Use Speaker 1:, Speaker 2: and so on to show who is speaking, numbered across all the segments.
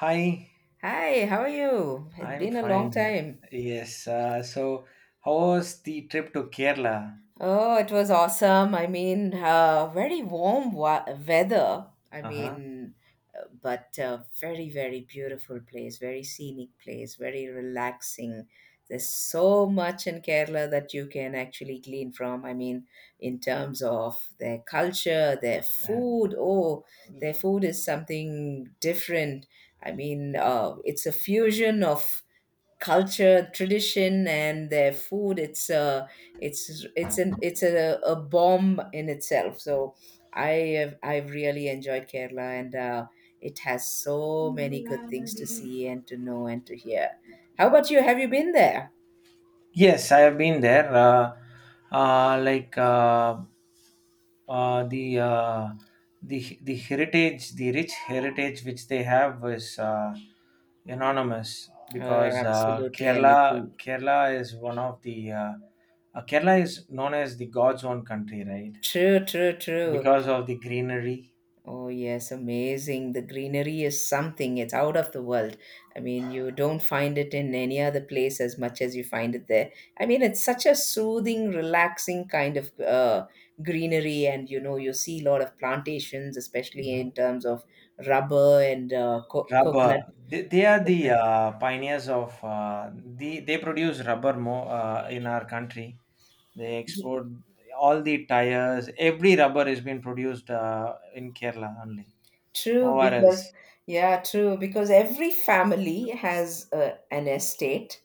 Speaker 1: Hi,
Speaker 2: Hi, how are you? It's
Speaker 1: I'm
Speaker 2: been a long
Speaker 1: fine here.
Speaker 2: time.
Speaker 1: Yes, so how was the trip to Kerala?
Speaker 2: Oh, it was awesome. Very warm weather.
Speaker 1: Uh-huh.
Speaker 2: But very, very beautiful place, very scenic place, very relaxing. There's so much in Kerala that you can actually glean from. I mean, in terms of their culture, their food. Oh, their food is something different. It's a fusion of culture, tradition, and their food. It's a it's it's an it's a bomb in itself. So I I've really enjoyed Kerala, and it has so many good things to see and to know and to hear. How about you? Have you been there?
Speaker 1: Yes, I have been there. Like the the heritage, the rich heritage which they have is anonymous
Speaker 2: Oh,
Speaker 1: because uh,
Speaker 2: absolutely, a
Speaker 1: Kerala
Speaker 2: little.
Speaker 1: Kerala is one of the, Kerala is known as the God's own country, right?
Speaker 2: True, true, true.
Speaker 1: Because of the greenery.
Speaker 2: Oh, yes, amazing. The greenery is something. It's out of the world. I mean, you don't find it in any other place as much as you find it there. I mean, it's such a soothing, relaxing kind of greenery. And, you know, you see a lot of plantations, especially
Speaker 1: Mhm.
Speaker 2: in terms of rubber and
Speaker 1: Rubber.
Speaker 2: coconut.
Speaker 1: They are the
Speaker 2: Coconut.
Speaker 1: pioneers of the— they produce rubber more in our country. They export all the tires. Every rubber is being produced in Kerala only,
Speaker 2: True,
Speaker 1: nowhere
Speaker 2: because
Speaker 1: else.
Speaker 2: yeah, true, because every family has an estate,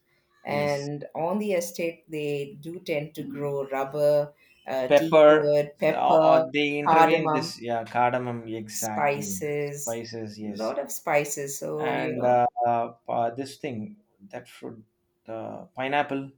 Speaker 1: Yes,
Speaker 2: and on the estate they do tend to grow rubber,
Speaker 1: pepper.
Speaker 2: teakwood, pepper,
Speaker 1: They intervene
Speaker 2: cardamom,
Speaker 1: this. Yeah, cardamom exactly.
Speaker 2: spices,
Speaker 1: Spices. Yes,
Speaker 2: lot of spices. So, you
Speaker 1: and
Speaker 2: know,
Speaker 1: this thing, that fruit, pineapple.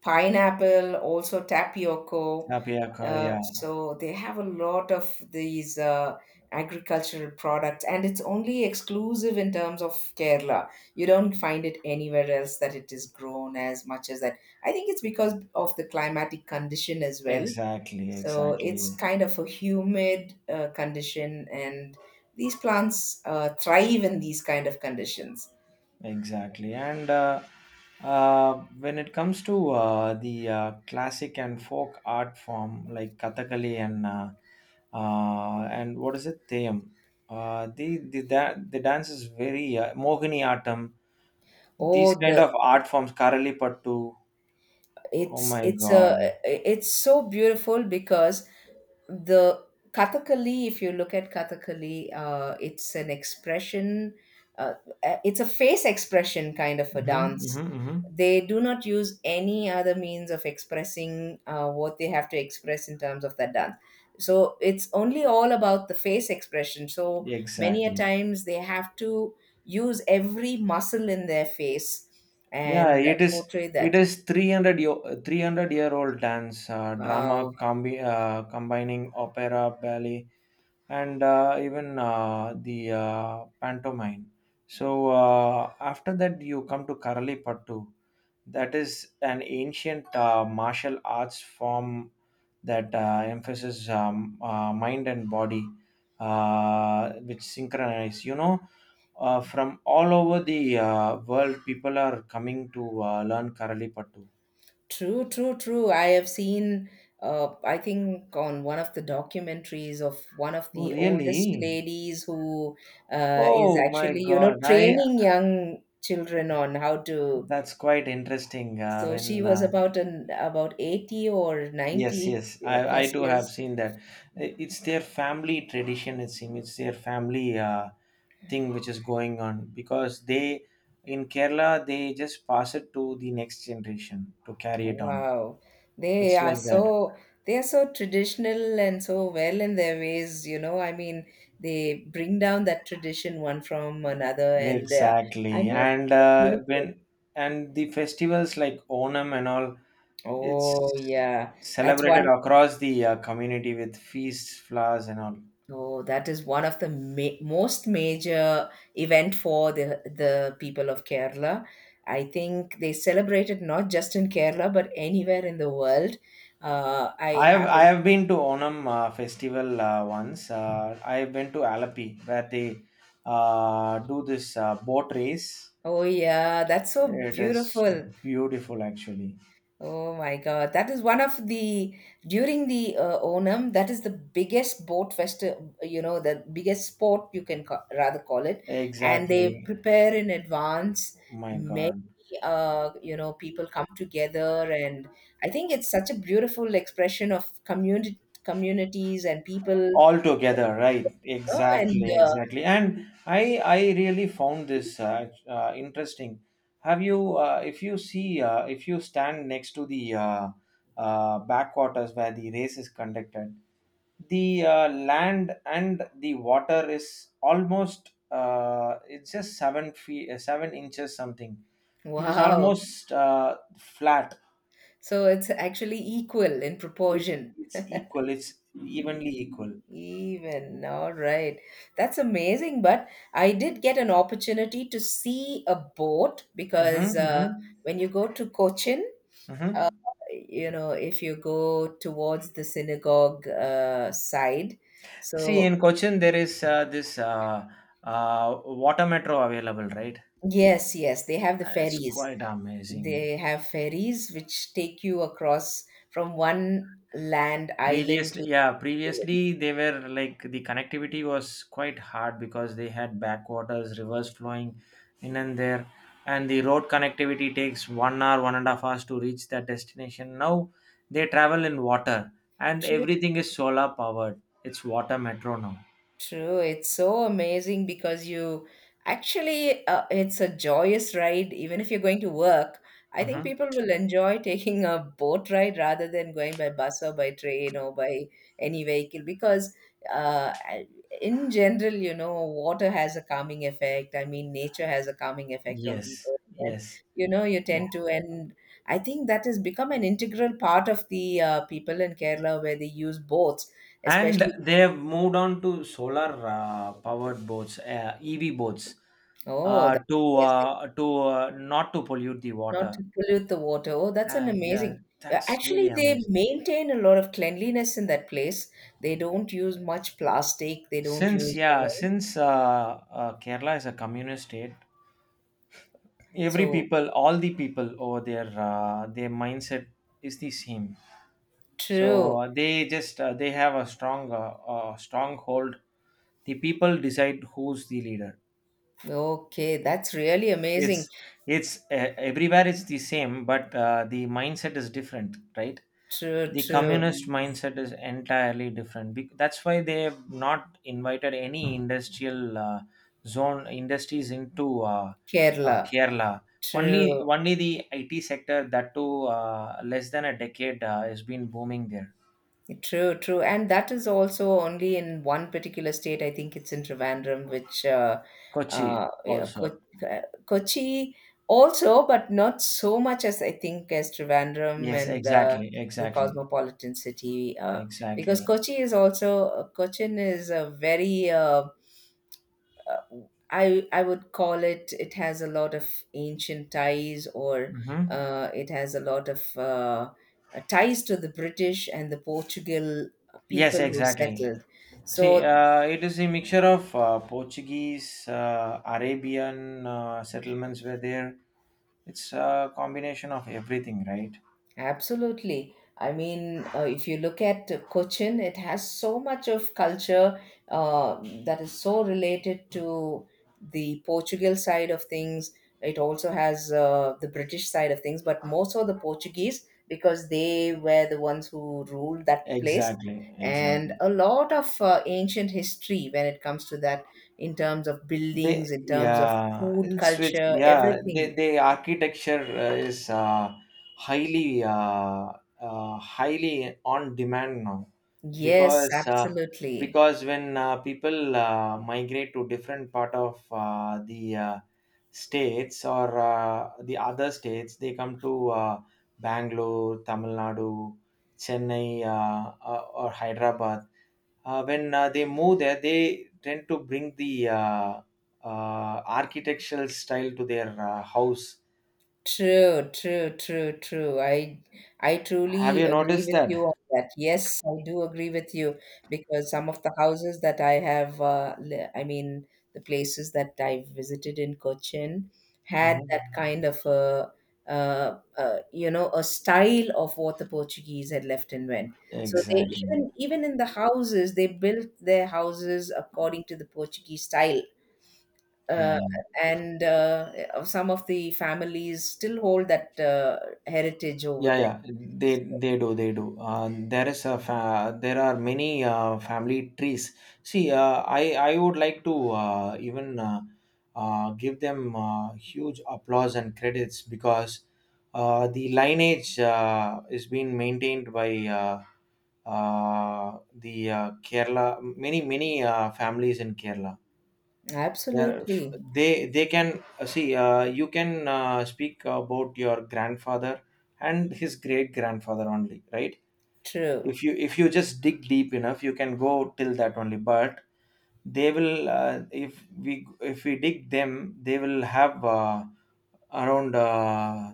Speaker 2: pineapple, also tapioca.
Speaker 1: Tapioca.
Speaker 2: Uh,
Speaker 1: Yeah,
Speaker 2: so they have a lot of these agricultural products, and it's only exclusive in terms of Kerala. You don't find it anywhere else that it is grown as much as that. I think it's because of the climatic condition as well.
Speaker 1: exactly,
Speaker 2: So it's
Speaker 1: exactly.
Speaker 2: kind of a humid condition, and these plants thrive in these kind of conditions.
Speaker 1: Exactly. And when it comes to the classic and folk art form like Kathakali and what is it, Theyam, the the dance is very Mohini Atam. These
Speaker 2: Oh,
Speaker 1: kind
Speaker 2: the
Speaker 1: of art forms, Karali Pattu. Oh my
Speaker 2: it's a
Speaker 1: God.
Speaker 2: it's so beautiful because the kathakali, if you look at kathakali, it's an expression. uh, it's a face expression kind of a
Speaker 1: Hmm,
Speaker 2: dance.
Speaker 1: hmm, hmm.
Speaker 2: They do not use any other means of expressing what they have to express in terms of that dance, so it's only all about the face expression. So many a
Speaker 1: Exactly.
Speaker 2: times they have to use every muscle in their face
Speaker 1: Yeah,
Speaker 2: and
Speaker 1: it is.
Speaker 2: portray
Speaker 1: It
Speaker 2: that.
Speaker 1: is 300 year, 300-year-old dance, drama,
Speaker 2: Wow.
Speaker 1: combining opera, ballet, and even the pantomime. So after that, you come to Karalipattu. That is an ancient martial arts form that emphasizes, mind and body, which synchronize. You know, from all over the world, people are coming to learn Karalipattu.
Speaker 2: True, true, true. I have seen, I think, on one of the documentaries of one of
Speaker 1: Oh,
Speaker 2: the oldest
Speaker 1: really?
Speaker 2: ladies who is
Speaker 1: Oh my
Speaker 2: actually, you know,
Speaker 1: God! I
Speaker 2: training young children on how to.
Speaker 1: That's quite interesting
Speaker 2: So she
Speaker 1: when.
Speaker 2: was about an about 80 or
Speaker 1: Yes,
Speaker 2: 90
Speaker 1: yes, I
Speaker 2: plus
Speaker 1: do
Speaker 2: years.
Speaker 1: have seen that. It's their family tradition, it seems. It's their family thing which is going on because they, in Kerala, they just pass it to the next generation to carry it on.
Speaker 2: Wow. They
Speaker 1: It's
Speaker 2: are
Speaker 1: like that.
Speaker 2: so they are so traditional and so well in their ways, you know. I mean, they bring down that tradition one from another and I
Speaker 1: Exactly.
Speaker 2: mean,
Speaker 1: And
Speaker 2: beautiful.
Speaker 1: when, and the festivals like Onam and all,
Speaker 2: Oh,
Speaker 1: it's
Speaker 2: yeah. That's
Speaker 1: celebrated
Speaker 2: one.
Speaker 1: across the community with feasts, flowers, and all.
Speaker 2: Oh, that is one of the ma most major event for the people of Kerala. I think they celebrate it not just in Kerala but anywhere in the world. I
Speaker 1: I
Speaker 2: happen.
Speaker 1: have been to Onam festival once. I have been to Alapi where they do this boat race.
Speaker 2: Oh, yeah. That's so
Speaker 1: It is
Speaker 2: beautiful.
Speaker 1: beautiful, actually.
Speaker 2: Oh my God, that is one of the during the Onam. That is the biggest boat festival, you know, the biggest sport you can rather call it. And they
Speaker 1: Exactly.
Speaker 2: prepare in advance.
Speaker 1: My
Speaker 2: Many,
Speaker 1: God.
Speaker 2: you know, people come together, and I think it's such a beautiful expression of community communities and people. You
Speaker 1: All together, right?
Speaker 2: know, and
Speaker 1: Exactly, exactly. And I really found this interesting. Have you, if you see, if you stand next to the, backwaters where the race is conducted, the land and the water is almost, it's just 7 feet, 7 inches, something. It is
Speaker 2: wow,
Speaker 1: almost flat.
Speaker 2: so it's actually equal in
Speaker 1: it's
Speaker 2: proportion.
Speaker 1: it's equal, it's evenly equal.
Speaker 2: Even, all right. That's amazing. But I did get an opportunity to see a boat because
Speaker 1: Mm-hmm, mm-hmm,
Speaker 2: when you go to Cochin,
Speaker 1: mm-hmm.
Speaker 2: you know, if you go towards the synagogue side,
Speaker 1: See,
Speaker 2: so
Speaker 1: in Cochin, there is this, water metro available, right?
Speaker 2: yes, yes, they have the
Speaker 1: It's
Speaker 2: ferries.
Speaker 1: quite amazing.
Speaker 2: They have ferries which take you across from one land island
Speaker 1: Previously,
Speaker 2: to
Speaker 1: yeah,
Speaker 2: the other.
Speaker 1: previously they were like, the connectivity was quite hard because they had backwaters, rivers flowing in and there, and the road connectivity takes 1 hour, 1.5 hours to reach that destination. Now they travel in water, and everything is solar powered. It's water metro now.
Speaker 2: True, it's so amazing because you actually it's a joyous ride even if you're going to work. I think
Speaker 1: Hmm.
Speaker 2: people will enjoy taking a boat ride rather than going by bus or by train or by any vehicle because uh, I- in general, you know, water has a calming effect. I mean, nature has a calming effect on
Speaker 1: Yes,
Speaker 2: people. And,
Speaker 1: yes.
Speaker 2: you know, you
Speaker 1: Yeah.
Speaker 2: tend to, and I think that has become an integral part of the people in Kerala where they use boats,
Speaker 1: And
Speaker 2: especially.
Speaker 1: they have moved on to solar powered boats, EV boats,
Speaker 2: Oh, that.
Speaker 1: to not to pollute the
Speaker 2: Not
Speaker 1: water.
Speaker 2: to pollute the water. Oh, that's an
Speaker 1: Yeah,
Speaker 2: amazing. Yeah,
Speaker 1: that's
Speaker 2: actually,
Speaker 1: really
Speaker 2: they
Speaker 1: amazing.
Speaker 2: maintain a lot of cleanliness in that place. They don't use much plastic. They don't
Speaker 1: Since,
Speaker 2: use, you
Speaker 1: yeah,
Speaker 2: know.
Speaker 1: since Kerala is a communist state, every
Speaker 2: So
Speaker 1: people, all the people over there, their mindset is the same. So
Speaker 2: true.
Speaker 1: they just, they have a strong, stronghold. The people decide who's the leader.
Speaker 2: Okay, that's really amazing.
Speaker 1: It's it's everywhere it's the same, but the mindset is different, right?
Speaker 2: True,
Speaker 1: The communist
Speaker 2: true.
Speaker 1: mindset is entirely different. That's why they have not invited any industrial zone industries into,
Speaker 2: Kerala.
Speaker 1: Kerala. Only
Speaker 2: True.
Speaker 1: only the IT sector, that too less than a decade has been booming there.
Speaker 2: True, true. And that is also only in one particular state. I think it's in Trivandrum, which
Speaker 1: Kochi
Speaker 2: yeah,
Speaker 1: also.
Speaker 2: Kochi also, but not so much as I think as Trivandrum
Speaker 1: Yes,
Speaker 2: and
Speaker 1: exactly,
Speaker 2: the
Speaker 1: exactly,
Speaker 2: cosmopolitan city. Because
Speaker 1: exactly.
Speaker 2: Kochi is also, Cochin is a very uh, I would call it it has a lot of ancient ties or
Speaker 1: Hmm.
Speaker 2: it has a lot of ties to the British and the Portugal
Speaker 1: Yes,
Speaker 2: people who
Speaker 1: exactly.
Speaker 2: settled.
Speaker 1: See,
Speaker 2: So
Speaker 1: it is a mixture of Portuguese, Arabian settlements were there. It's a combination of everything, right?
Speaker 2: absolutely. If you look at Cochin, it has so much of culture uh, that is so related to the Portugal side of things. It also has the British side of things, but more so the Portuguese because they were the ones who ruled that place.
Speaker 1: Exactly,
Speaker 2: And
Speaker 1: exactly.
Speaker 2: a lot of ancient history when it comes to that, in terms of buildings,
Speaker 1: They,
Speaker 2: in terms of
Speaker 1: yeah,
Speaker 2: food
Speaker 1: it's with,
Speaker 2: culture,
Speaker 1: yeah, they,
Speaker 2: everything.
Speaker 1: they architecture is, highly, highly on demand now
Speaker 2: Yes,
Speaker 1: because, uh,
Speaker 2: absolutely.
Speaker 1: because when people migrate to different part of the states, or the other states, they come to Bangalore, Tamil Nadu, Chennai, or Hyderabad, when they move there, they tend to bring the, architectural style to their house.
Speaker 2: True, true, true, true. I
Speaker 1: Have
Speaker 2: truly
Speaker 1: you
Speaker 2: agree
Speaker 1: noticed
Speaker 2: with
Speaker 1: that?
Speaker 2: you on that. Yes, I do agree with you because some of the houses that I have, I mean, the places that I visited in Cochin had
Speaker 1: Mhm.
Speaker 2: that kind of a, you know, a style of what the Portuguese had left and went. So they
Speaker 1: Exactly.
Speaker 2: even in the houses, they built their houses according to the Portuguese style,
Speaker 1: Yeah,
Speaker 2: uh, and some of the families still hold that heritage over
Speaker 1: yeah,
Speaker 2: there.
Speaker 1: yeah, they,
Speaker 2: So,
Speaker 1: they do, there is a fa- there are many family trees. See, I would like to, even, give them huge applause and credits because the lineage is being maintained by, uh, the Kerala, many families in Kerala. They're
Speaker 2: absolutely
Speaker 1: They can, see, you can speak about your grandfather and his great grandfather only, right?
Speaker 2: true.
Speaker 1: If you just dig deep enough, you can go till that only. But they will, if we dig them, they will have, around, uh,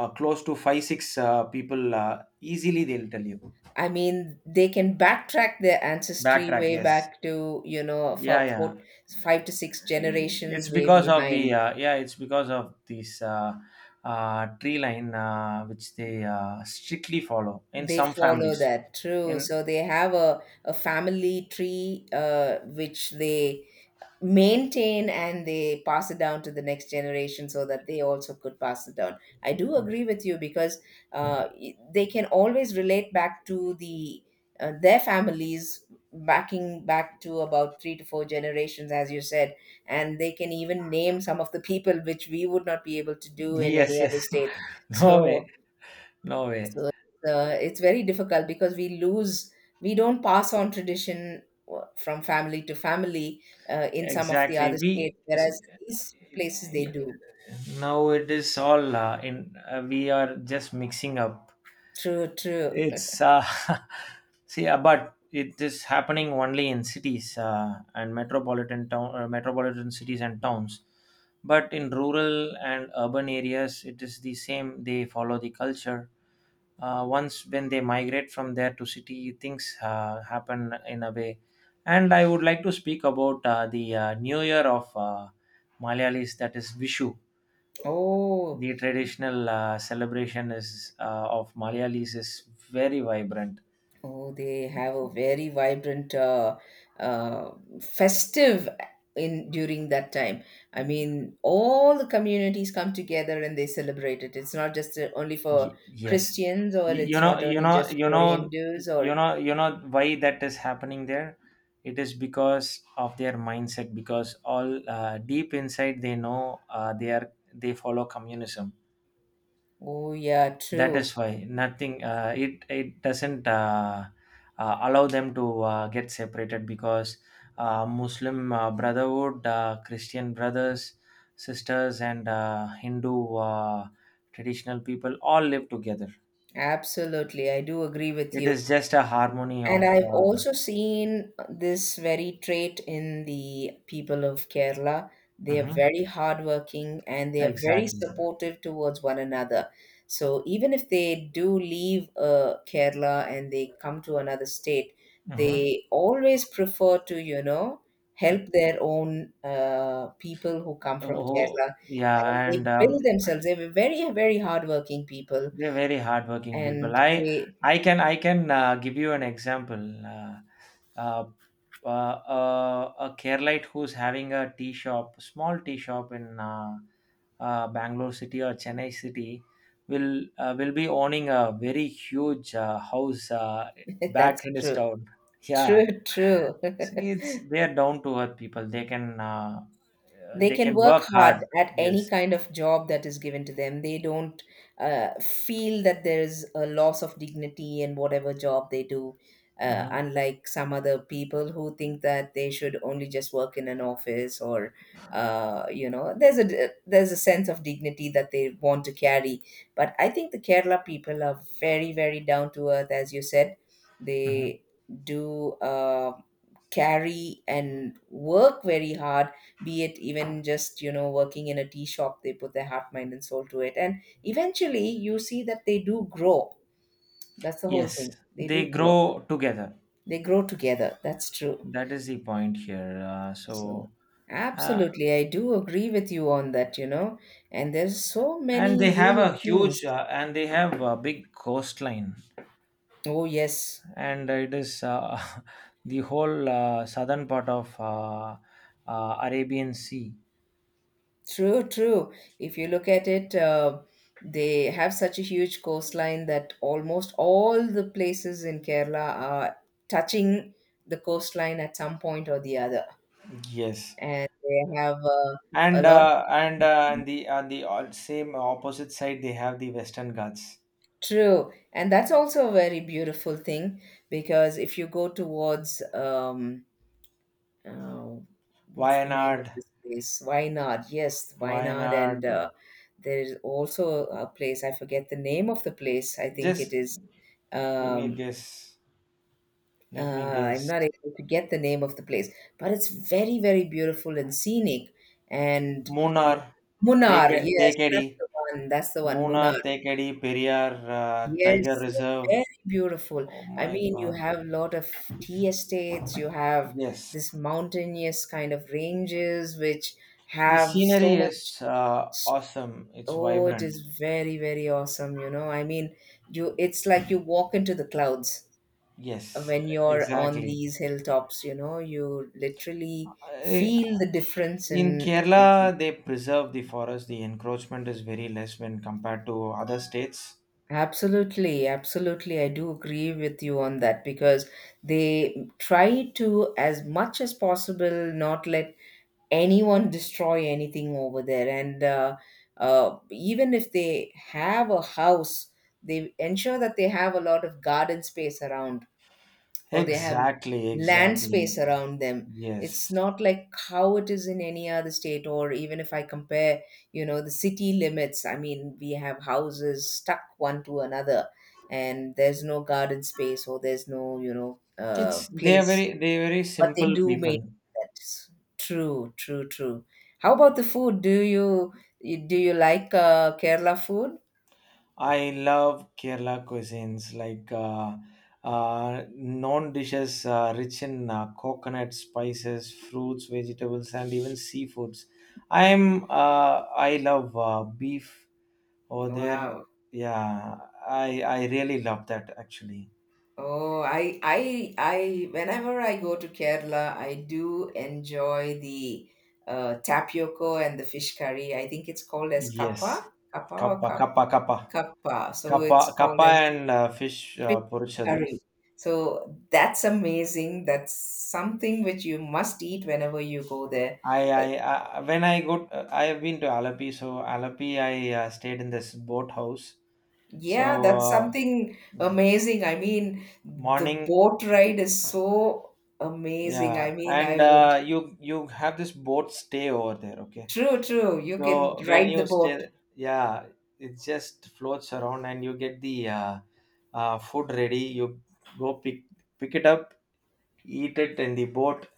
Speaker 1: uh, close to five six people easily. They'll tell you.
Speaker 2: I mean, they can backtrack their ancestry
Speaker 1: Backtrack.
Speaker 2: way
Speaker 1: Yes.
Speaker 2: back to, you know,
Speaker 1: Yeah, yeah,
Speaker 2: five to six
Speaker 1: it's
Speaker 2: generations way
Speaker 1: because of
Speaker 2: behind.
Speaker 1: the, yeah, it's because of this, tree line which they strictly follow in
Speaker 2: They
Speaker 1: some
Speaker 2: follow
Speaker 1: families
Speaker 2: that, true.
Speaker 1: in.
Speaker 2: So they have a family tree which they maintain and they pass it down to the next generation so that they also could pass it down. I do agree with you because they can always relate back to the their families backing back to about three to four generations, as you said, and they can even name some of the people which we would not be able to do in
Speaker 1: Yes,
Speaker 2: any other
Speaker 1: yes.
Speaker 2: state.
Speaker 1: No
Speaker 2: So
Speaker 1: way, no way.
Speaker 2: so it's very difficult because we don't pass on tradition from family to family in some of the other
Speaker 1: Exactly. We,
Speaker 2: states, whereas these places they do.
Speaker 1: now it is all in. We are just mixing up.
Speaker 2: True, true.
Speaker 1: It's see, but it is happening only in cities and metropolitan town, metropolitan cities and towns. But in rural and urban areas, it is the same. They follow the culture, once when they migrate from there to city, things happen in a way. And I would like to speak about the new year of Malayalis, that is Vishu.
Speaker 2: Oh,
Speaker 1: The traditional celebration is of Malayalis is very vibrant.
Speaker 2: oh, they have a very vibrant, uh, festive in during that time. I mean, all the communities come together and they celebrate it. It's not just only for
Speaker 1: Yes.
Speaker 2: Christians, or
Speaker 1: Y- you
Speaker 2: it's
Speaker 1: know
Speaker 2: not
Speaker 1: you
Speaker 2: only
Speaker 1: know
Speaker 2: just
Speaker 1: you
Speaker 2: for
Speaker 1: know
Speaker 2: Hindus,
Speaker 1: you
Speaker 2: or
Speaker 1: know you know why that is happening there. It is because of their mindset, because all, deep inside they know, they are, they follow communism.
Speaker 2: oh yeah,
Speaker 1: That
Speaker 2: true.
Speaker 1: is why nothing. It it doesn't, allow them to get separated because Muslim, Brotherhood, Christian brothers, sisters, and Hindu traditional people all live together.
Speaker 2: Absolutely, I do agree with
Speaker 1: It
Speaker 2: you.
Speaker 1: is just a harmony
Speaker 2: And
Speaker 1: of.
Speaker 2: I've also seen this very trait in the people of Kerala. They are
Speaker 1: Mhm.
Speaker 2: very hardworking and they are very
Speaker 1: Exactly.
Speaker 2: supportive towards one another. So even if they do leave Kerala and they come to another state,
Speaker 1: Hmm.
Speaker 2: they always prefer to, you know, help their own people who come from
Speaker 1: Oh,
Speaker 2: Kerala. And
Speaker 1: yeah,
Speaker 2: they
Speaker 1: and
Speaker 2: build themselves. They were very, very hardworking people
Speaker 1: they're very hardworking people.
Speaker 2: and they
Speaker 1: I can, give you an example. Uh, uh, uh, a Keralite who's having a tea shop, small tea shop in, Bangalore city or Chennai city, will, will be owning a very huge house back
Speaker 2: That's
Speaker 1: in his
Speaker 2: true.
Speaker 1: town. Yeah,
Speaker 2: True, true.
Speaker 1: see, it's they are down to earth people.
Speaker 2: They
Speaker 1: They
Speaker 2: can
Speaker 1: can
Speaker 2: work
Speaker 1: work hard.
Speaker 2: hard at any
Speaker 1: Yes.
Speaker 2: kind of job that is given to them. They don't feel that there's a loss of dignity in whatever job they do,
Speaker 1: Hmm,
Speaker 2: unlike some other people who think that they should only just work in an office or, you know, there's a sense of dignity that they want to carry. But I think the Kerala people are very, very down to earth, as you said.
Speaker 1: hmm.
Speaker 2: They do. Carry and work very hard, be it even just, you know, working in a tea shop. They put their heart, mind and soul to it, and eventually you see that they do grow. That's the whole
Speaker 1: Yes,
Speaker 2: thing, they do
Speaker 1: they
Speaker 2: grow.
Speaker 1: grow together.
Speaker 2: They grow together, that's true.
Speaker 1: That is the point here.
Speaker 2: So
Speaker 1: So, uh,
Speaker 2: absolutely, I do agree with you on that, you know. And there's so
Speaker 1: and
Speaker 2: many
Speaker 1: they have
Speaker 2: unique
Speaker 1: a huge,
Speaker 2: things.
Speaker 1: and they have a big coastline,
Speaker 2: Oh yes.
Speaker 1: and it is the whole southern part of, Arabian Sea.
Speaker 2: True, true. If you look at it, they have such a huge coastline that almost all the places in Kerala are touching the coastline at some point or the other.
Speaker 1: Yes,
Speaker 2: And they have a
Speaker 1: and
Speaker 2: lot.
Speaker 1: the on the same opposite side they have the Western Ghats,
Speaker 2: True. And that's also a very beautiful thing because if you go towards oh, what's the name
Speaker 1: Wayanad,
Speaker 2: of this place? Wainad. Yes, Wainad. And
Speaker 1: Wayanad.
Speaker 2: there is also a place, I forget the name of the place. I think it
Speaker 1: Just
Speaker 2: is,
Speaker 1: give me a
Speaker 2: um,
Speaker 1: guess. Let me
Speaker 2: I'm
Speaker 1: guess.
Speaker 2: not able to get the name of the place, but it's very, very beautiful and scenic. And you,
Speaker 1: Munnar,
Speaker 2: Munnar,
Speaker 1: Take,
Speaker 2: yes,
Speaker 1: Tekedi.
Speaker 2: that's the one. That's the one, Munnar.
Speaker 1: Munnar, Thekkady, Periyar, Tiger
Speaker 2: Yes, they're
Speaker 1: Reserve.
Speaker 2: very beautiful.
Speaker 1: Oh
Speaker 2: I
Speaker 1: my
Speaker 2: mean, you
Speaker 1: God.
Speaker 2: have a lot of tea estates, you have
Speaker 1: Yes.
Speaker 2: this mountainous kind of ranges which
Speaker 1: The
Speaker 2: have so
Speaker 1: scenery
Speaker 2: much.
Speaker 1: is, uh, awesome. It's
Speaker 2: Oh, it
Speaker 1: vibrant.
Speaker 2: is very, very awesome, you know. I mean, you it's like you walk into the clouds
Speaker 1: Yes,
Speaker 2: when you're on
Speaker 1: exactly.
Speaker 2: these hilltops, you know. You literally
Speaker 1: I-
Speaker 2: feel the difference
Speaker 1: In
Speaker 2: in things.
Speaker 1: Kerala, they preserve the forest. The encroachment is very less when compared to other states.
Speaker 2: Absolutely, absolutely. I do agree with you on that because they try to, as much as possible, not let anyone destroy anything over there. And Even if they have a house, they ensure that they have a lot of garden space around, or they have
Speaker 1: Exactly,
Speaker 2: land space
Speaker 1: exactly.
Speaker 2: around them. It's
Speaker 1: Yes.
Speaker 2: not like how it is in any other state, or even if I compare, you know, the city limits. I mean, we have houses stuck one to another, and there's no garden space, or there's no, you know,
Speaker 1: It's, they are
Speaker 2: place.
Speaker 1: very they are very
Speaker 2: But they
Speaker 1: simple
Speaker 2: do make
Speaker 1: people.
Speaker 2: that. True, true, true. How about the food? Do you like Kerala food?
Speaker 1: I love Kerala cuisines like, known dishes, rich in coconut, spices, fruits, vegetables, and even seafoods. I'm uh, I love beef over there.
Speaker 2: Wow.
Speaker 1: Yeah, I really love that actually.
Speaker 2: Oh, I, whenever I go to Kerala, I do enjoy the tapioca and the fish curry. I think it's called as
Speaker 1: Yes,
Speaker 2: kappa, kappa or
Speaker 1: kappa
Speaker 2: cup,
Speaker 1: kappa kappa
Speaker 2: kappa. So
Speaker 1: kappa
Speaker 2: it's called
Speaker 1: kappa
Speaker 2: as
Speaker 1: and fish
Speaker 2: fish
Speaker 1: porichadu.
Speaker 2: curry. So that's amazing. That's something which you must eat whenever you go there.
Speaker 1: I,
Speaker 2: Uh,
Speaker 1: I, I when I go, I have been to Alapi. So Alapi, I stayed in this boat house. So
Speaker 2: yeah, that's something
Speaker 1: yeah,
Speaker 2: amazing. I mean, the
Speaker 1: morning,
Speaker 2: boat ride is so amazing.
Speaker 1: yeah,
Speaker 2: I mean,
Speaker 1: and
Speaker 2: I would.
Speaker 1: you have this boat stay over there, okay?
Speaker 2: True, true. You can
Speaker 1: So when
Speaker 2: ride the
Speaker 1: you
Speaker 2: boat.
Speaker 1: stay, yeah, it just floats around, and you get the, food ready. You go pick pick it up, eat it in the boat.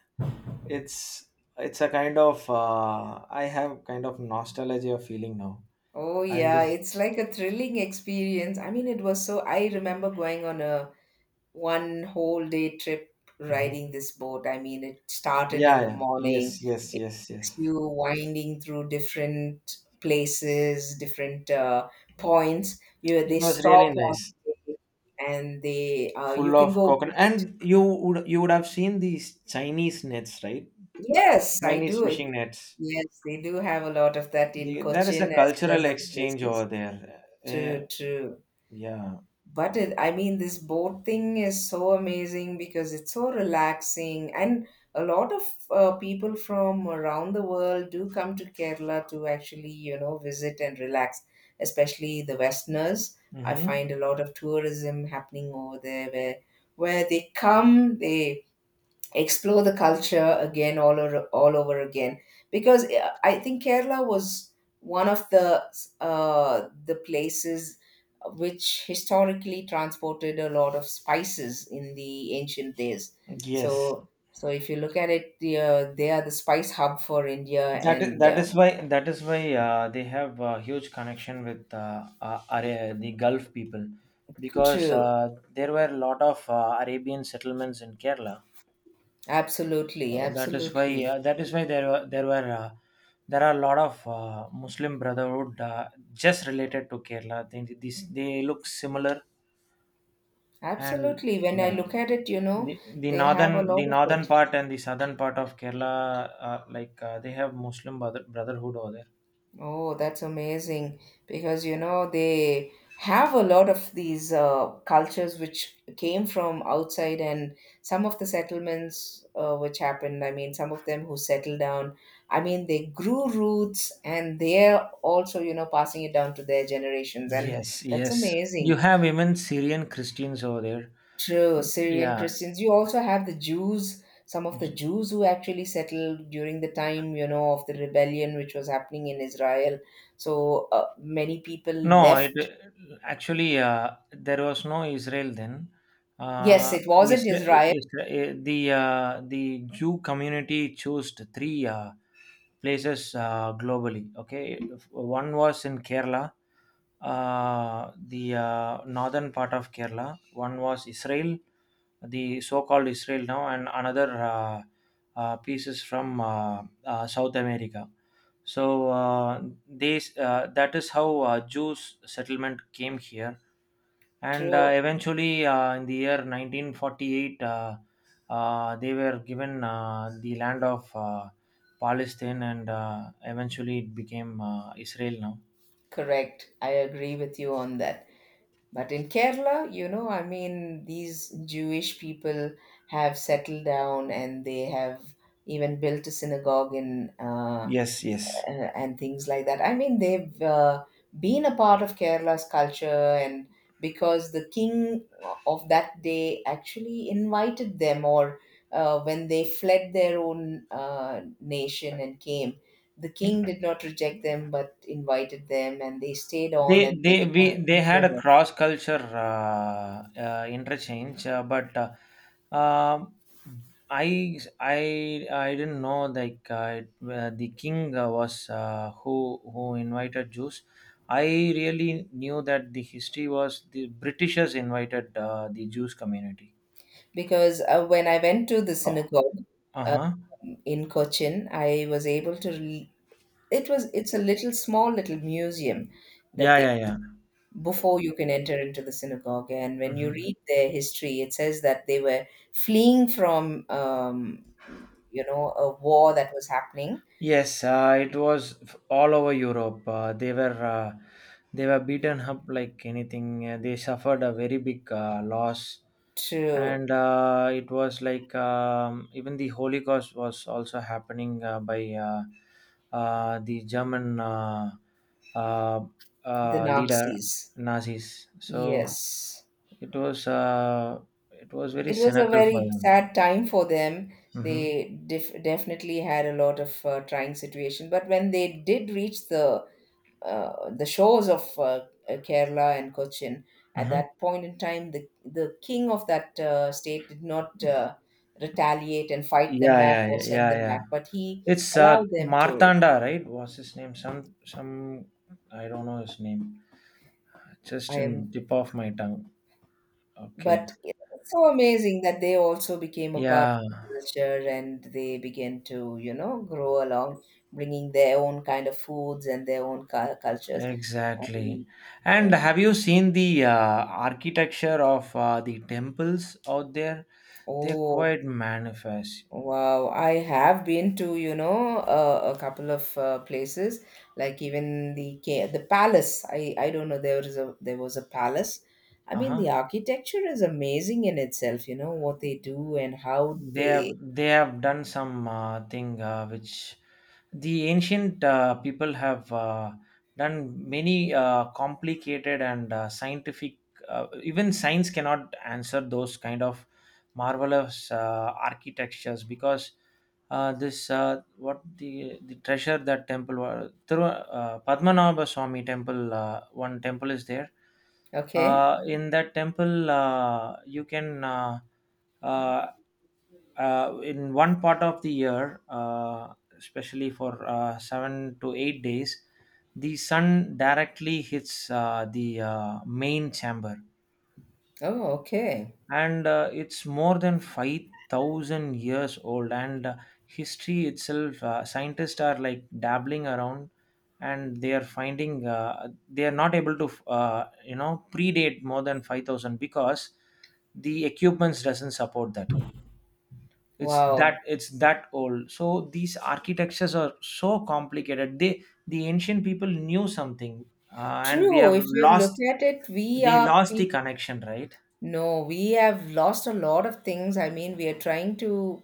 Speaker 1: It's it's a kind of, I have kind of nostalgia feeling now.
Speaker 2: Oh,
Speaker 1: I'm
Speaker 2: yeah.
Speaker 1: just.
Speaker 2: It's like a thrilling experience. I mean, it was so. I remember going on a one whole day trip riding
Speaker 1: Mhm.
Speaker 2: this boat. I mean, it started in
Speaker 1: Yeah,
Speaker 2: the
Speaker 1: yeah,
Speaker 2: morning.
Speaker 1: yes, yes,
Speaker 2: It
Speaker 1: yes,
Speaker 2: takes
Speaker 1: yes.
Speaker 2: you winding through different places, different points. You they
Speaker 1: It was
Speaker 2: stop
Speaker 1: really
Speaker 2: on
Speaker 1: nice.
Speaker 2: the way and they you
Speaker 1: Full
Speaker 2: can
Speaker 1: of
Speaker 2: go.
Speaker 1: coconut, and you would have seen these Chinese nets, right?
Speaker 2: Yes, I
Speaker 1: Chinese
Speaker 2: do.
Speaker 1: fishing nets.
Speaker 2: Yes, they do have a lot of that in
Speaker 1: There is
Speaker 2: Cochin
Speaker 1: a
Speaker 2: as well as
Speaker 1: cultural
Speaker 2: other
Speaker 1: exchange over
Speaker 2: places.
Speaker 1: there. Uh,
Speaker 2: True, true.
Speaker 1: yeah.
Speaker 2: But it, I mean, this boat thing is so amazing because it's so relaxing, and a lot of people from around the world do come to Kerala to actually, you know, visit and relax, especially the Westerners. I
Speaker 1: Mm-hmm.
Speaker 2: find a lot of tourism happening over there where they come, they explore the culture again all over again because I think Kerala was one of the places which historically transported a lot of spices in the ancient days.
Speaker 1: Yes,
Speaker 2: So if you look at it, the, they are the spice hub for India,
Speaker 1: that is,
Speaker 2: and
Speaker 1: that is why that is why they have a huge connection with, the Gulf people because
Speaker 2: true.
Speaker 1: there were a lot of Arabian settlements in Kerala. So that is why
Speaker 2: Absolutely
Speaker 1: uh, that is why there were there are a lot of Muslim Brotherhood just related to Kerala. They, these, they look similar. And
Speaker 2: absolutely. When I
Speaker 1: yeah,
Speaker 2: look at it, you know,
Speaker 1: the, the
Speaker 2: they have a
Speaker 1: northern
Speaker 2: lot
Speaker 1: the
Speaker 2: of
Speaker 1: northern
Speaker 2: it.
Speaker 1: part and the southern part of Kerala, like, they have Muslim brother, Brotherhood over there.
Speaker 2: Oh, that's amazing because you know they have a lot of these cultures which came from outside, and some of the settlements which happened. I mean, some of them who settled down. I mean, they grew roots, and they're also, you know, passing it down to their generations, and
Speaker 1: Yes,
Speaker 2: that's
Speaker 1: yes. You
Speaker 2: amazing.
Speaker 1: have even Syrian Christians over there.
Speaker 2: True, Syrian
Speaker 1: Yeah.
Speaker 2: Christians. You also have the Jews, some of the Jews who actually settled during the time, you know, of the rebellion which was happening in Israel. So many people
Speaker 1: No, it
Speaker 2: left.
Speaker 1: actually there was no Israel then.
Speaker 2: Yes,
Speaker 1: Uh,
Speaker 2: it wasn't
Speaker 1: Isra-
Speaker 2: Israel.
Speaker 1: Isra- eh, the uh, the Jew community chose three places globally. Okay, one was in Kerala, the northern part of Kerala. One was Israel, the so-called Israel now, and another pieces from South America. So these that is how Jews settlement came here, and
Speaker 2: True,
Speaker 1: eventually in the year 1948, they were given the land of Palestine, and eventually it became Israel now.
Speaker 2: correct. I agree with you on that. But in Kerala, you know, I mean, these Jewish people have settled down, and they have even built a synagogue in
Speaker 1: Yes, yes.
Speaker 2: and things like that. I mean, they've been a part of Kerala's culture, and because the king of that day actually invited them, or when they fled their own nation and came, the king did not reject them but invited them, and they stayed
Speaker 1: they
Speaker 2: on and they
Speaker 1: they we they had
Speaker 2: became
Speaker 1: a
Speaker 2: a-
Speaker 1: cross culture interchange, but um I didn't know, like, the king was, who invited jews. I really knew that the history was the britishers invited the jews community.
Speaker 2: because when I went to the
Speaker 1: Oh.
Speaker 2: synagogue,
Speaker 1: Uh-huh.
Speaker 2: um, in Cochin, I was able to. Re- it was, it's a little small little museum that
Speaker 1: Yeah,
Speaker 2: they
Speaker 1: yeah, yeah.
Speaker 2: before you can enter into the synagogue. And when you
Speaker 1: Hmm.
Speaker 2: read their history, it says that they were fleeing from, you know, a war that was happening
Speaker 1: Yes, it was all over Europe. They were beaten up like anything. They suffered a very big loss,
Speaker 2: to
Speaker 1: and it was like even the Holocaust was also happening by the German uh,
Speaker 2: the
Speaker 1: leader.
Speaker 2: Nazis.
Speaker 1: Nazis. So
Speaker 2: Yes.
Speaker 1: it was uh, it was very
Speaker 2: It was a
Speaker 1: cynical for
Speaker 2: very
Speaker 1: them.
Speaker 2: sad time for them.
Speaker 1: Hmm.
Speaker 2: They def- definitely had a lot of trying situation. But when they did reach the shores of Kerala and Cochin. At
Speaker 1: Hmm.
Speaker 2: that point in time, the king of that state did not retaliate and fight them
Speaker 1: Yeah,
Speaker 2: back
Speaker 1: yeah,
Speaker 2: or send
Speaker 1: yeah,
Speaker 2: them
Speaker 1: yeah.
Speaker 2: back, but he
Speaker 1: It's
Speaker 2: allowed them to.
Speaker 1: Martanda, right? What's his name? Some, I don't know his name. Just
Speaker 2: I am,
Speaker 1: in tip of my tongue. Okay.
Speaker 2: but it's so amazing that they also became a part
Speaker 1: Yeah,
Speaker 2: of the culture and they began to, you know, grow along, bringing their own kind of foods and their own cu- cultures. And,
Speaker 1: exactly.
Speaker 2: uh,
Speaker 1: And have you seen the architecture of the temples out there? They're
Speaker 2: oh,
Speaker 1: quite manifest.
Speaker 2: wow, I have been to, you know, a couple of places, like even the ca- the palace. I don't know there was a palace. I
Speaker 1: Uh
Speaker 2: mean,
Speaker 1: huh.
Speaker 2: the architecture is amazing in itself, you know, what they do and how
Speaker 1: they have
Speaker 2: they.
Speaker 1: they have done some thing which the ancient people have done many complicated and scientific, even science cannot answer those kind of marvelous architectures, because this what the treasure that temple was Thiru, Padmanabha Swami temple, one temple is there.
Speaker 2: Okay.
Speaker 1: In that temple you can uh, in one part of the year, especially for 7 to 8 days, the sun directly hits the main chamber,
Speaker 2: Oh, okay.
Speaker 1: and it's more than 5,000 years old. And history itself, scientists are like dabbling around, and they are finding they are not able to predate more than 5,000, because the equipments doesn't support that. it's that
Speaker 2: Wow.
Speaker 1: it's that old. So these architectures are so complicated. The ancient people knew something. And we
Speaker 2: True.
Speaker 1: have
Speaker 2: If you look
Speaker 1: lost.
Speaker 2: at it, we
Speaker 1: They
Speaker 2: are
Speaker 1: lost the
Speaker 2: people.
Speaker 1: connection, right?
Speaker 2: No, we have lost a lot of things. I mean, we are trying to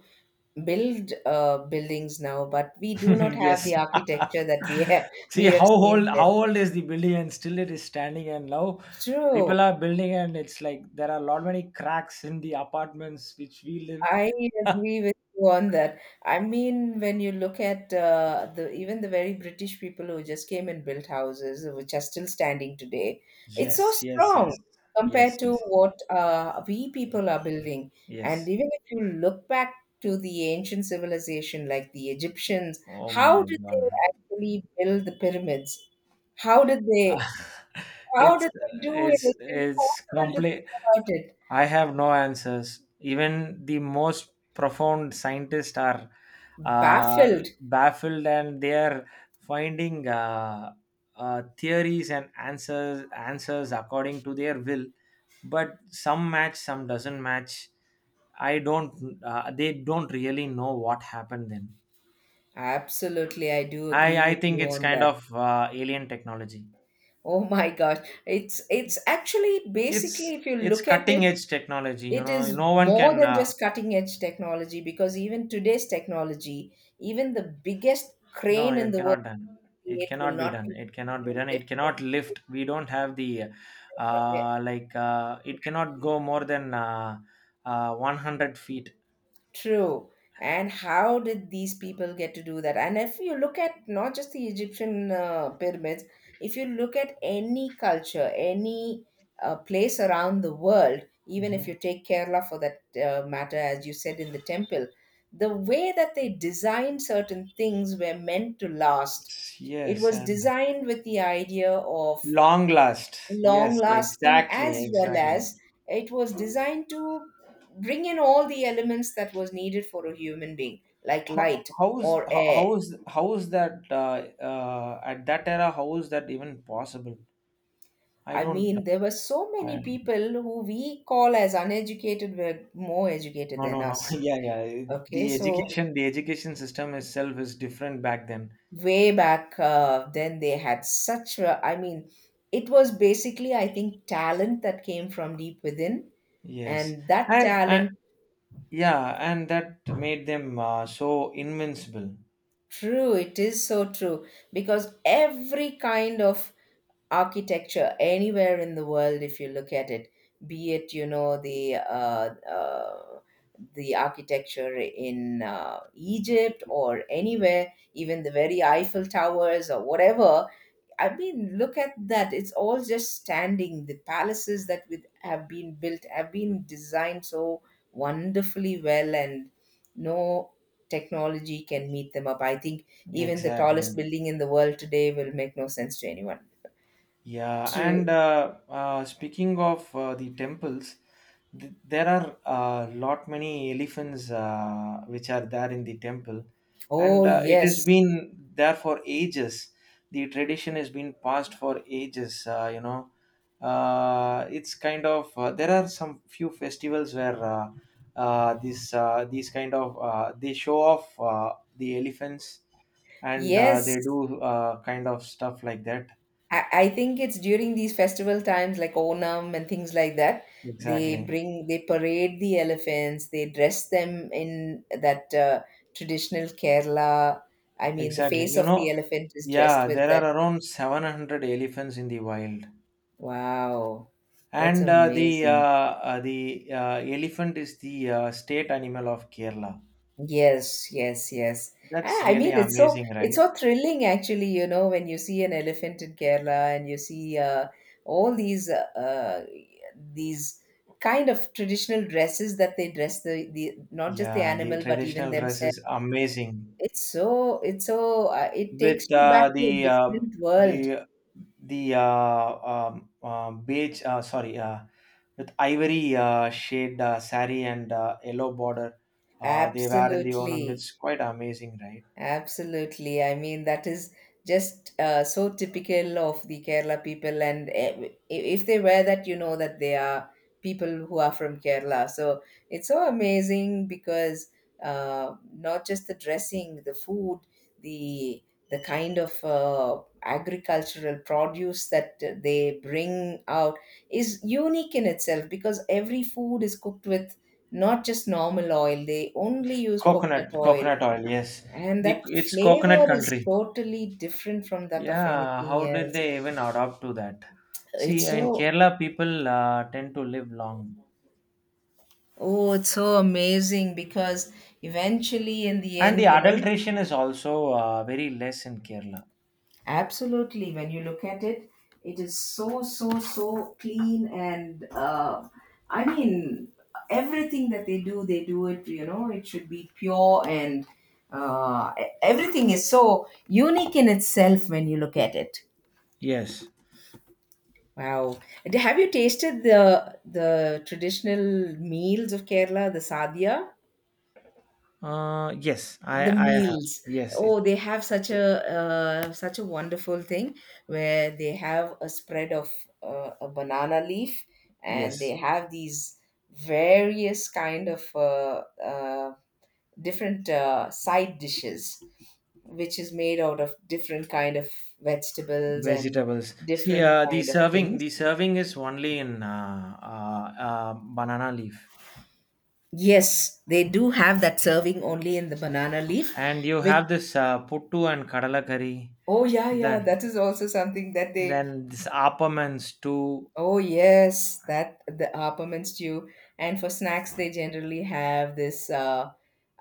Speaker 2: build buildings now, but we do not have
Speaker 1: Yes.
Speaker 2: the architecture that we have,
Speaker 1: See,
Speaker 2: we have
Speaker 1: how old,
Speaker 2: seen
Speaker 1: how
Speaker 2: then.
Speaker 1: old is the building, and still it is standing, and now
Speaker 2: True.
Speaker 1: people are building and it's like there are a lot many cracks in the apartments which we
Speaker 2: I
Speaker 1: live.
Speaker 2: agree with you on that. I mean, when you look at the even the very British people who just came and built houses, which are still standing today, it's
Speaker 1: Yes,
Speaker 2: so
Speaker 1: yes,
Speaker 2: strong
Speaker 1: yes. Yes,
Speaker 2: compared to
Speaker 1: yes,
Speaker 2: what we people are building. And
Speaker 1: yes.
Speaker 2: even if you look back to the ancient civilization, like the Egyptians,
Speaker 1: Oh
Speaker 2: how
Speaker 1: my
Speaker 2: did they
Speaker 1: god.
Speaker 2: actually build the pyramids? How did
Speaker 1: Uh,
Speaker 2: they? How
Speaker 1: it's
Speaker 2: did they do it?
Speaker 1: it's
Speaker 2: It's
Speaker 1: it's
Speaker 2: impossible to
Speaker 1: complete.
Speaker 2: think about it.
Speaker 1: I have no answers. Even the most profound scientists are
Speaker 2: Baffled.
Speaker 1: baffled, and they are finding theories and answers according to their will. But some match, some doesn't match. I don't. They don't really know what happened then.
Speaker 2: Absolutely, I do
Speaker 1: I
Speaker 2: agree
Speaker 1: I
Speaker 2: with
Speaker 1: think
Speaker 2: you
Speaker 1: it's
Speaker 2: on
Speaker 1: kind
Speaker 2: that.
Speaker 1: of alien technology.
Speaker 2: Oh my gosh, it's actually basically
Speaker 1: It's
Speaker 2: if you
Speaker 1: it's
Speaker 2: look at it,
Speaker 1: cutting edge technology. You
Speaker 2: it
Speaker 1: know,
Speaker 2: is
Speaker 1: no one
Speaker 2: more
Speaker 1: can.
Speaker 2: than just cutting edge technology, because even today's technology, even the biggest
Speaker 1: No,
Speaker 2: crane in
Speaker 1: it
Speaker 2: the world,
Speaker 1: cannot done. It
Speaker 2: it will
Speaker 1: cannot be
Speaker 2: not
Speaker 1: done.
Speaker 2: be
Speaker 1: It cannot be
Speaker 2: able
Speaker 1: done. It cannot
Speaker 2: to
Speaker 1: lift. We don't have
Speaker 2: lift.
Speaker 1: like, it cannot go more than 100 feet.
Speaker 2: True. And how did these people get to do that? And if you look at not just the Egyptian pyramids, if you look at any culture, any place around the world, even if
Speaker 1: Hmm.
Speaker 2: you take Kerala for that matter, as you said in the temple, the way that they designed certain things were meant to last. It
Speaker 1: Yes,
Speaker 2: was
Speaker 1: and
Speaker 2: designed with the idea of
Speaker 1: long last.
Speaker 2: long
Speaker 1: Yes,
Speaker 2: lasting,
Speaker 1: exactly,
Speaker 2: as well
Speaker 1: exactly.
Speaker 2: as it was designed to bring in all the elements that was needed for a human being, like
Speaker 1: How,
Speaker 2: light
Speaker 1: how's
Speaker 2: or
Speaker 1: how,
Speaker 2: air.
Speaker 1: how's how's that, at that era? How is that even possible? I
Speaker 2: I
Speaker 1: don't.
Speaker 2: mean, there were so
Speaker 1: I,
Speaker 2: many people who we call as uneducated were more educated
Speaker 1: No,
Speaker 2: than
Speaker 1: no, no.
Speaker 2: us.
Speaker 1: Yeah, yeah.
Speaker 2: Okay,
Speaker 1: The
Speaker 2: so
Speaker 1: education, the education system itself is different back then.
Speaker 2: way back then they had such a, I mean, it was basically, I think, talent that came from deep within,
Speaker 1: Yes,
Speaker 2: and that
Speaker 1: and,
Speaker 2: talent.
Speaker 1: yeah, and that made them so invincible.
Speaker 2: True, it is so true because every kind of architecture anywhere in the world, if you look at it, be it, you know, the architecture in Egypt or anywhere, even the very Eiffel Towers or whatever, I mean, look at that. It's all just standing. The palaces that with have been built have been designed so wonderfully well, and no technology can meet them up. I think even the tallest
Speaker 1: Exactly.
Speaker 2: building in the world today will make no sense to anyone.
Speaker 1: Yeah,
Speaker 2: True.
Speaker 1: and speaking of the temples, there are a lot many elephants which are there in the temple,
Speaker 2: Oh,
Speaker 1: and it has
Speaker 2: yes.
Speaker 1: been there for ages. The tradition has been passed for ages. It's kind of there are some few festivals where this these kind of they show off the elephants, and they
Speaker 2: Yes.
Speaker 1: do kind of stuff like that.
Speaker 2: I think it's during these festival times like Onam and things like that.
Speaker 1: Exactly.
Speaker 2: They parade the elephants, they dress them in that traditional Kerala. I mean, the
Speaker 1: Exactly.
Speaker 2: face of the elephant is dressed
Speaker 1: Yeah,
Speaker 2: with
Speaker 1: there
Speaker 2: that.
Speaker 1: are around 700 elephants in the wild.
Speaker 2: Wow, that's
Speaker 1: And the uh,
Speaker 2: amazing.
Speaker 1: uh, the uh, elephant is the state animal of Kerala.
Speaker 2: Yes, yes, yes. And
Speaker 1: That's
Speaker 2: I
Speaker 1: really
Speaker 2: mean, it's so,
Speaker 1: amazing, right?
Speaker 2: thrilling actually, you know, when you see an elephant in Kerala and you see all these these kind of traditional dresses that they dress the not just the
Speaker 1: Yeah, the
Speaker 2: animal but even
Speaker 1: traditional dress
Speaker 2: themselves.
Speaker 1: is amazing
Speaker 2: It's so, it takes
Speaker 1: with
Speaker 2: you back to a
Speaker 1: the,
Speaker 2: different world.
Speaker 1: the the beige, sorry, with ivory shade sari and yellow border, they wear in the
Speaker 2: Absolutely.
Speaker 1: ornaments. Quite amazing, right?
Speaker 2: Absolutely. I mean, that is just so typical of the Kerala people. And eh, if they wear that, you know that they are people who are from Kerala. So it's so amazing because not just the dressing, the food, the the kind of agricultural produce that they bring out is unique in itself, because every food is cooked with not just normal oil. They only use coconut
Speaker 1: Coconut,
Speaker 2: oil,
Speaker 1: coconut oil, yes.
Speaker 2: and that
Speaker 1: It's
Speaker 2: flavor
Speaker 1: coconut
Speaker 2: is
Speaker 1: country.
Speaker 2: totally different from that of
Speaker 1: Yeah,
Speaker 2: anything
Speaker 1: how did
Speaker 2: else.
Speaker 1: they even adopt to that? See,
Speaker 2: It's
Speaker 1: in
Speaker 2: so,
Speaker 1: Kerala, people tend to live long.
Speaker 2: oh, it's so amazing because eventually in the
Speaker 1: And
Speaker 2: end,
Speaker 1: the
Speaker 2: you know,
Speaker 1: adulteration is also very less in Kerala.
Speaker 2: absolutely, when you look at it, it is so, so, so clean, and I mean, everything that they do, they do it, you know, it should be pure, and e- everything is so unique in itself when you look at it.
Speaker 1: Yes.
Speaker 2: Wow. And have you tasted the traditional meals of Kerala, the sadhya?
Speaker 1: Yes, I,
Speaker 2: The
Speaker 1: I have.
Speaker 2: meals.
Speaker 1: Yes,
Speaker 2: Oh, they have such a such a wonderful thing where they have a spread of a banana leaf, and they
Speaker 1: yes.
Speaker 2: have these various kind of different side dishes which is made out of different kind of vegetables and
Speaker 1: Vegetables. See,
Speaker 2: different
Speaker 1: the
Speaker 2: kind of
Speaker 1: serving,
Speaker 2: things.
Speaker 1: the serving is only in banana leaf.
Speaker 2: Yes, they do have that serving only in the banana leaf,
Speaker 1: And you
Speaker 2: which
Speaker 1: have this puttu and kadala curry.
Speaker 2: oh yeah, yeah,
Speaker 1: That
Speaker 2: that is also something that they
Speaker 1: Then this Appamans too.
Speaker 2: oh yes, that the appam stew. And for snacks they generally have this uh,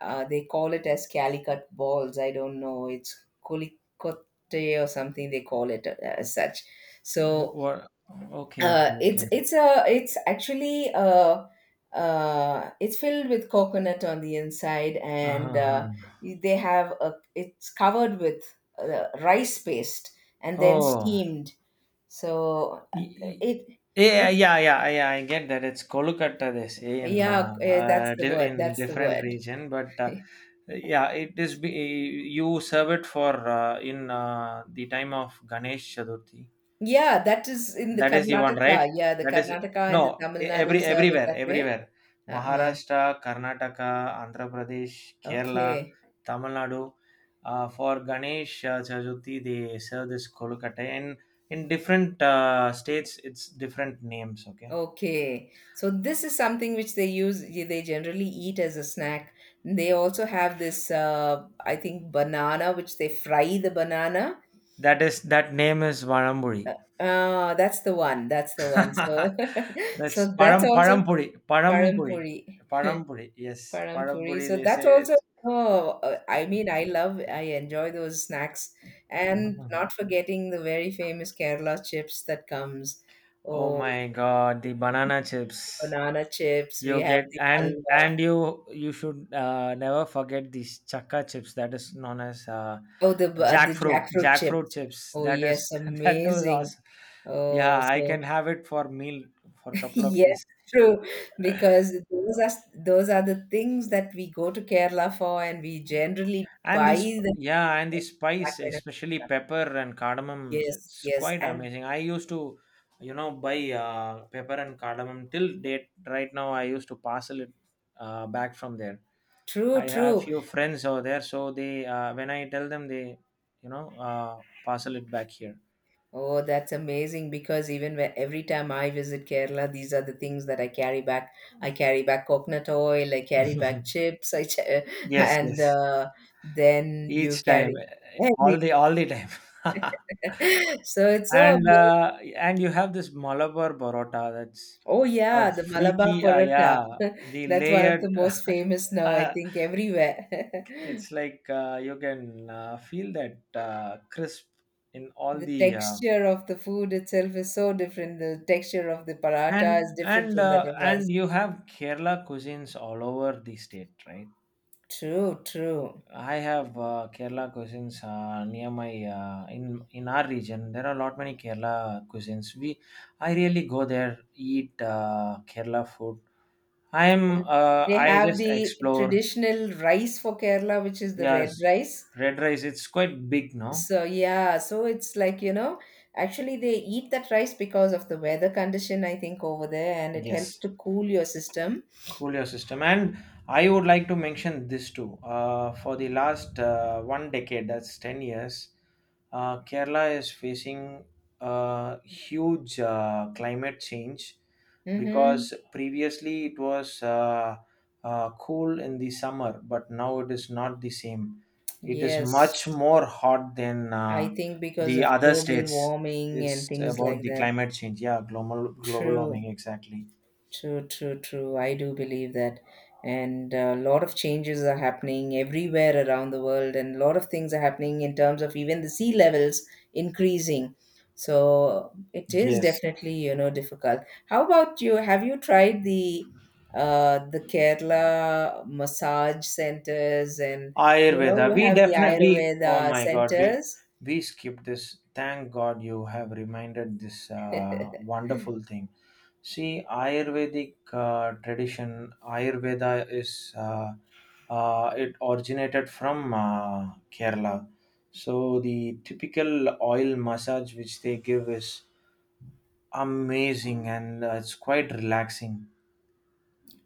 Speaker 2: uh they call it as calicut balls. I don't know, it's kolikote or something they call it as such. So
Speaker 1: What? Okay,
Speaker 2: uh,
Speaker 1: okay,
Speaker 2: it's
Speaker 1: okay.
Speaker 2: it's a it's actually it's filled with coconut on the inside, and
Speaker 1: Uh-huh. Uh-huh.
Speaker 2: they have a it's covered with rice paste and then
Speaker 1: Oh,
Speaker 2: steamed. So
Speaker 1: y- y-
Speaker 2: it
Speaker 1: yeah,
Speaker 2: it's
Speaker 1: yeah, yeah, yeah. I get that. It's Kolkata, they say in
Speaker 2: yeah that's the word,
Speaker 1: in
Speaker 2: that's the
Speaker 1: different
Speaker 2: word.
Speaker 1: region, but yeah, it is. You serve it for in the time of Ganesh Chaturthi.
Speaker 2: Yeah, that is in the
Speaker 1: That is you want, right?
Speaker 2: Karnataka. Yeah, the
Speaker 1: That is
Speaker 2: Karnataka and the
Speaker 1: no,
Speaker 2: Tamil Nadu serve it
Speaker 1: everywhere,
Speaker 2: that way.
Speaker 1: everywhere.
Speaker 2: Uh-huh.
Speaker 1: Maharashtra, Karnataka, Andhra Pradesh, Kerala,
Speaker 2: Okay.
Speaker 1: Tamil Nadu. For Ganesh Chaturthi, they serve this kolkata, and in different states, it's different names. Okay,
Speaker 2: Okay, so this is something which they use, they generally eat as a snack. They also have this, I think, banana, which they fry the banana.
Speaker 1: that name is Varamburi.
Speaker 2: That's the one, that's the one. So,
Speaker 1: That's
Speaker 2: so that's also
Speaker 1: Parampuri, Parampuri,
Speaker 2: parampuri,
Speaker 1: Parampuri. Yes,
Speaker 2: parampuri.
Speaker 1: Parampuri.
Speaker 2: So
Speaker 1: They
Speaker 2: that's
Speaker 1: say
Speaker 2: also,
Speaker 1: it's.
Speaker 2: oh, I mean, I enjoy those snacks. And not forgetting the very famous Kerala chips that comes.
Speaker 1: Oh
Speaker 2: Oh,
Speaker 1: my god, the banana chips.
Speaker 2: banana chips,
Speaker 1: You
Speaker 2: we have
Speaker 1: get,
Speaker 2: the
Speaker 1: and
Speaker 2: halwa.
Speaker 1: you should never forget these chakka chips, that is known as
Speaker 2: The
Speaker 1: jackfruit
Speaker 2: jackfruit
Speaker 1: jackfruit
Speaker 2: chips.
Speaker 1: chips,
Speaker 2: Oh,
Speaker 1: that is
Speaker 2: yes,
Speaker 1: that was
Speaker 2: amazing.
Speaker 1: awesome. Yeah,
Speaker 2: Oh,
Speaker 1: I
Speaker 2: so
Speaker 1: can have it for meal for a couple of
Speaker 2: yes,
Speaker 1: days.
Speaker 2: true, because those are the things that we go to Kerala for, and we generally
Speaker 1: And
Speaker 2: buy them
Speaker 1: yeah, and the
Speaker 2: at.
Speaker 1: spice,
Speaker 2: Black,
Speaker 1: especially pepper and cardamom,
Speaker 2: yes,
Speaker 1: it's
Speaker 2: yes,
Speaker 1: quite
Speaker 2: and
Speaker 1: amazing. I used to buy pepper and cardamom till date. Right now, I used to parcel it back from there.
Speaker 2: true,
Speaker 1: I have
Speaker 2: true.
Speaker 1: few friends over there, so they, when I tell them, they parcel it back here.
Speaker 2: Oh, that's amazing because even when, every time I visit Kerala, these are the things that I carry back. I carry back coconut oil, I carry back chips, I ch
Speaker 1: Yes,
Speaker 2: and
Speaker 1: yes,
Speaker 2: then you
Speaker 1: each time,
Speaker 2: carry everything.
Speaker 1: all the time.
Speaker 2: So it's so
Speaker 1: And
Speaker 2: amazing.
Speaker 1: you have this malabar parotta, that's
Speaker 2: Oh
Speaker 1: a
Speaker 2: yeah, the Malabar
Speaker 1: freaky,
Speaker 2: paratha.
Speaker 1: yeah, the
Speaker 2: That's one of
Speaker 1: layered.
Speaker 2: the most famous now, I think, everywhere.
Speaker 1: It's like, you can feel that crisp in all
Speaker 2: The
Speaker 1: the.
Speaker 2: texture of the food itself is so different. The texture of the paratha
Speaker 1: And
Speaker 2: is different
Speaker 1: and
Speaker 2: from that
Speaker 1: uh,
Speaker 2: of us.
Speaker 1: and you have kerala cuisines all over the state, right?
Speaker 2: True, true.
Speaker 1: I have kerala cuisines near my in our region. There are a lot many kerala cuisines. We I really go there, eat kerala food. I'm
Speaker 2: And
Speaker 1: uh,
Speaker 2: they
Speaker 1: I
Speaker 2: have
Speaker 1: just
Speaker 2: the
Speaker 1: explore.
Speaker 2: traditional rice for Kerala, which is the red
Speaker 1: Yes,
Speaker 2: rice.
Speaker 1: red rice. It's quite big, no?
Speaker 2: So yeah, so it's like, you know, actually they eat that rice because of the weather condition, I think, over there, and it helps
Speaker 1: Yes.
Speaker 2: to cool your system.
Speaker 1: Coolio system. And I would like to mention this too. For the last one decade, that's 10 years, Kerala is facing huge climate change,
Speaker 2: Mm-hmm.
Speaker 1: because previously it was cool in the summer, but now it is not the same. It is
Speaker 2: Yes,
Speaker 1: much more hot than
Speaker 2: I think because
Speaker 1: the
Speaker 2: of
Speaker 1: other
Speaker 2: global
Speaker 1: states.
Speaker 2: warming and
Speaker 1: It's
Speaker 2: things
Speaker 1: about
Speaker 2: like
Speaker 1: the
Speaker 2: that.
Speaker 1: climate change. Yeah, global
Speaker 2: True,
Speaker 1: warming, exactly.
Speaker 2: true, true, true. I do believe that. And a lot of changes are happening everywhere around the world, and a lot of things are happening in terms of even the sea levels increasing. So it is
Speaker 1: Yes.
Speaker 2: definitely, you know, difficult. How about you? Have you tried the Kerala massage centers, and you know
Speaker 1: Ayurveda.
Speaker 2: you
Speaker 1: We
Speaker 2: have the
Speaker 1: definitely. Oh
Speaker 2: Ayurveda
Speaker 1: my god. We
Speaker 2: centers?
Speaker 1: we skipped this. Thank god you have reminded this wonderful thing. See, Ayurvedic tradition. Ayurveda is it originated from Kerala. So the typical oil massage which they give is amazing, and it's quite relaxing.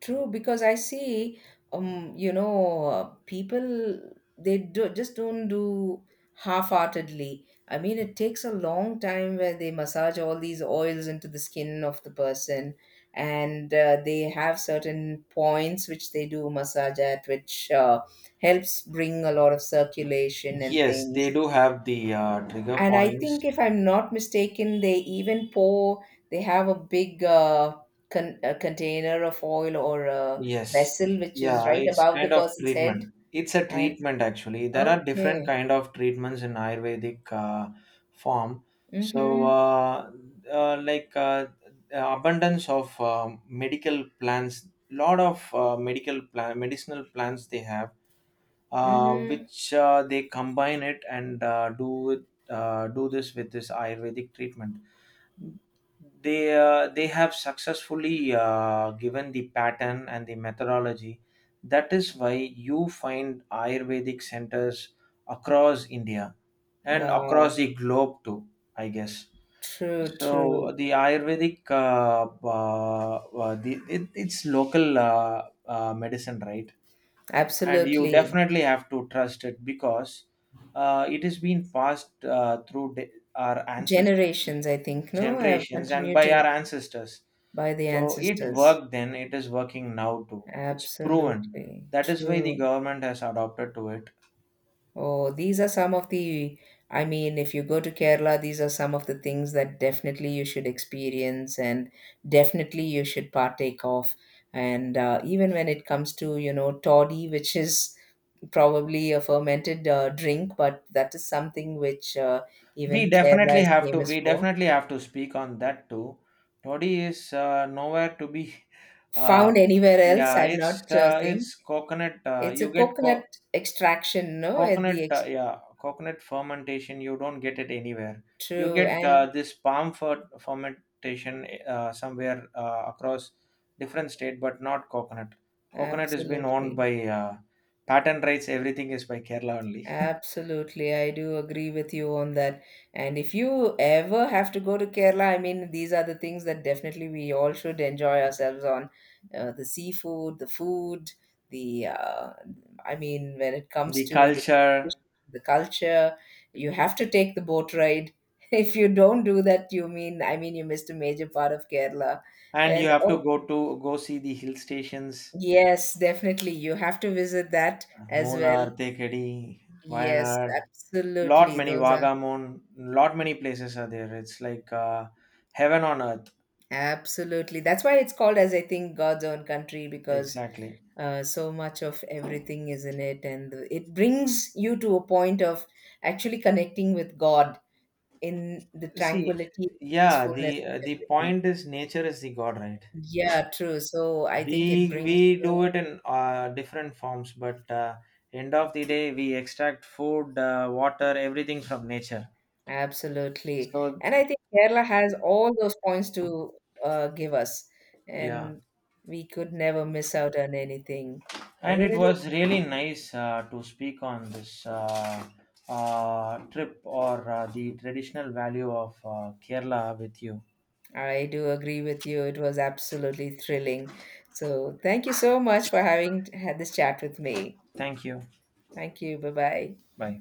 Speaker 2: True, because I see, you know, people they do just don't do half-heartedly. I mean, it takes a long time where they massage all these oils into the skin of the person, and they have certain points which they do massage at, which helps bring a lot of circulation and
Speaker 1: Yes, they
Speaker 2: things.
Speaker 1: do have the trigger
Speaker 2: And I
Speaker 1: points.
Speaker 2: think if I'm not mistaken, they even pour. They have a big a container of oil or a
Speaker 1: Yes.
Speaker 2: vessel which is
Speaker 1: Yeah,
Speaker 2: right
Speaker 1: it's
Speaker 2: above the
Speaker 1: kind of
Speaker 2: person's head.
Speaker 1: treatment. It's a
Speaker 2: And
Speaker 1: treatment actually. There are different
Speaker 2: okay,
Speaker 1: kind of treatments in Ayurvedic form. So,
Speaker 2: mm-hmm,
Speaker 1: like, abundance of medical plants, lot of medicinal plants they have,
Speaker 2: mm-hmm.
Speaker 1: which they combine it and do this with this Ayurvedic treatment. They have successfully given the pattern and the methodology, that is why you find ayurvedic centers across india and
Speaker 2: Wow,
Speaker 1: across the globe too, I guess.
Speaker 2: true,
Speaker 1: So
Speaker 2: true,
Speaker 1: the ayurvedic, it's local medicine, right? And you
Speaker 2: absolutely.
Speaker 1: definitely have to trust it, because it has been passed through our ancestors
Speaker 2: Generations, I think, no, have
Speaker 1: generations and
Speaker 2: continued
Speaker 1: by
Speaker 2: to,
Speaker 1: our ancestors.
Speaker 2: by the
Speaker 1: So it
Speaker 2: ancestors.
Speaker 1: worked then, it is working now too. It's proven,
Speaker 2: Absolutely
Speaker 1: that is why the
Speaker 2: true.
Speaker 1: government has adopted to it.
Speaker 2: Oh, these are some of the, I mean, if you go to Kerala, these are some of the things that definitely you should experience and definitely you should partake of. And even when it comes to, you know, toddy, which is probably a fermented drink, but that is something which
Speaker 1: we
Speaker 2: even Kerala
Speaker 1: definitely
Speaker 2: is
Speaker 1: have to
Speaker 2: famous
Speaker 1: we
Speaker 2: for.
Speaker 1: definitely have to speak on that too. Toddy is nowhere to be. uh,
Speaker 2: Found anywhere else,
Speaker 1: yeah,
Speaker 2: I'm
Speaker 1: it's,
Speaker 2: not saying.
Speaker 1: it's coconut.
Speaker 2: It's a
Speaker 1: You get
Speaker 2: coconut extraction, no? At
Speaker 1: coconut,
Speaker 2: the ex-
Speaker 1: yeah, coconut fermentation. You don't get it anywhere. You
Speaker 2: true
Speaker 1: get
Speaker 2: and
Speaker 1: this palm fermentation somewhere across different state, but not coconut. Coconut has been owned
Speaker 2: absolutely.
Speaker 1: by uh, patent rights, everything is by kerala only.
Speaker 2: Absolutely, I do agree with you on that. And if you ever have to go to Kerala, I mean, these are the things that definitely we all should enjoy ourselves on. The seafood, the food, the, uh, I mean, when it comes
Speaker 1: The
Speaker 2: to
Speaker 1: culture.
Speaker 2: the culture, you have to take the boat ride. If you don't do that, you mean, I mean, you missed a major part of Kerala.
Speaker 1: And you
Speaker 2: And
Speaker 1: have to
Speaker 2: oh,
Speaker 1: go see the hill stations.
Speaker 2: yes, definitely, you have to visit that as well.
Speaker 1: Munnar, Tekadi,
Speaker 2: Yes,
Speaker 1: Wayanad, lot
Speaker 2: absolutely.
Speaker 1: many
Speaker 2: Those are
Speaker 1: Vagamon, lot many places are there. It's like heaven on earth.
Speaker 2: absolutely. That's why it's called as, I think, God's own country because
Speaker 1: Exactly.
Speaker 2: so much of everything is in it. And it brings you to a point of actually connecting with God in the
Speaker 1: See,
Speaker 2: tranquility,
Speaker 1: yeah,
Speaker 2: peacefulness
Speaker 1: the uh,
Speaker 2: of
Speaker 1: the
Speaker 2: everything.
Speaker 1: point is nature is the god, right?
Speaker 2: Yeah, true. So I think it
Speaker 1: We
Speaker 2: brings
Speaker 1: we do
Speaker 2: you
Speaker 1: it in different forms, but end of the day, we extract food, water, everything from nature.
Speaker 2: absolutely.
Speaker 1: So
Speaker 2: And I think Kerala has all those points to give us.
Speaker 1: yeah,
Speaker 2: And we could never miss out on anything. I
Speaker 1: and
Speaker 2: mean,
Speaker 1: it
Speaker 2: it
Speaker 1: was really nice to speak on this trip or the traditional value of Kerala with you.
Speaker 2: I do agree with you. It was absolutely thrilling. So, thank you so much for having had this chat with me.
Speaker 1: Thank you.
Speaker 2: Thank you. Bye bye.
Speaker 1: Bye.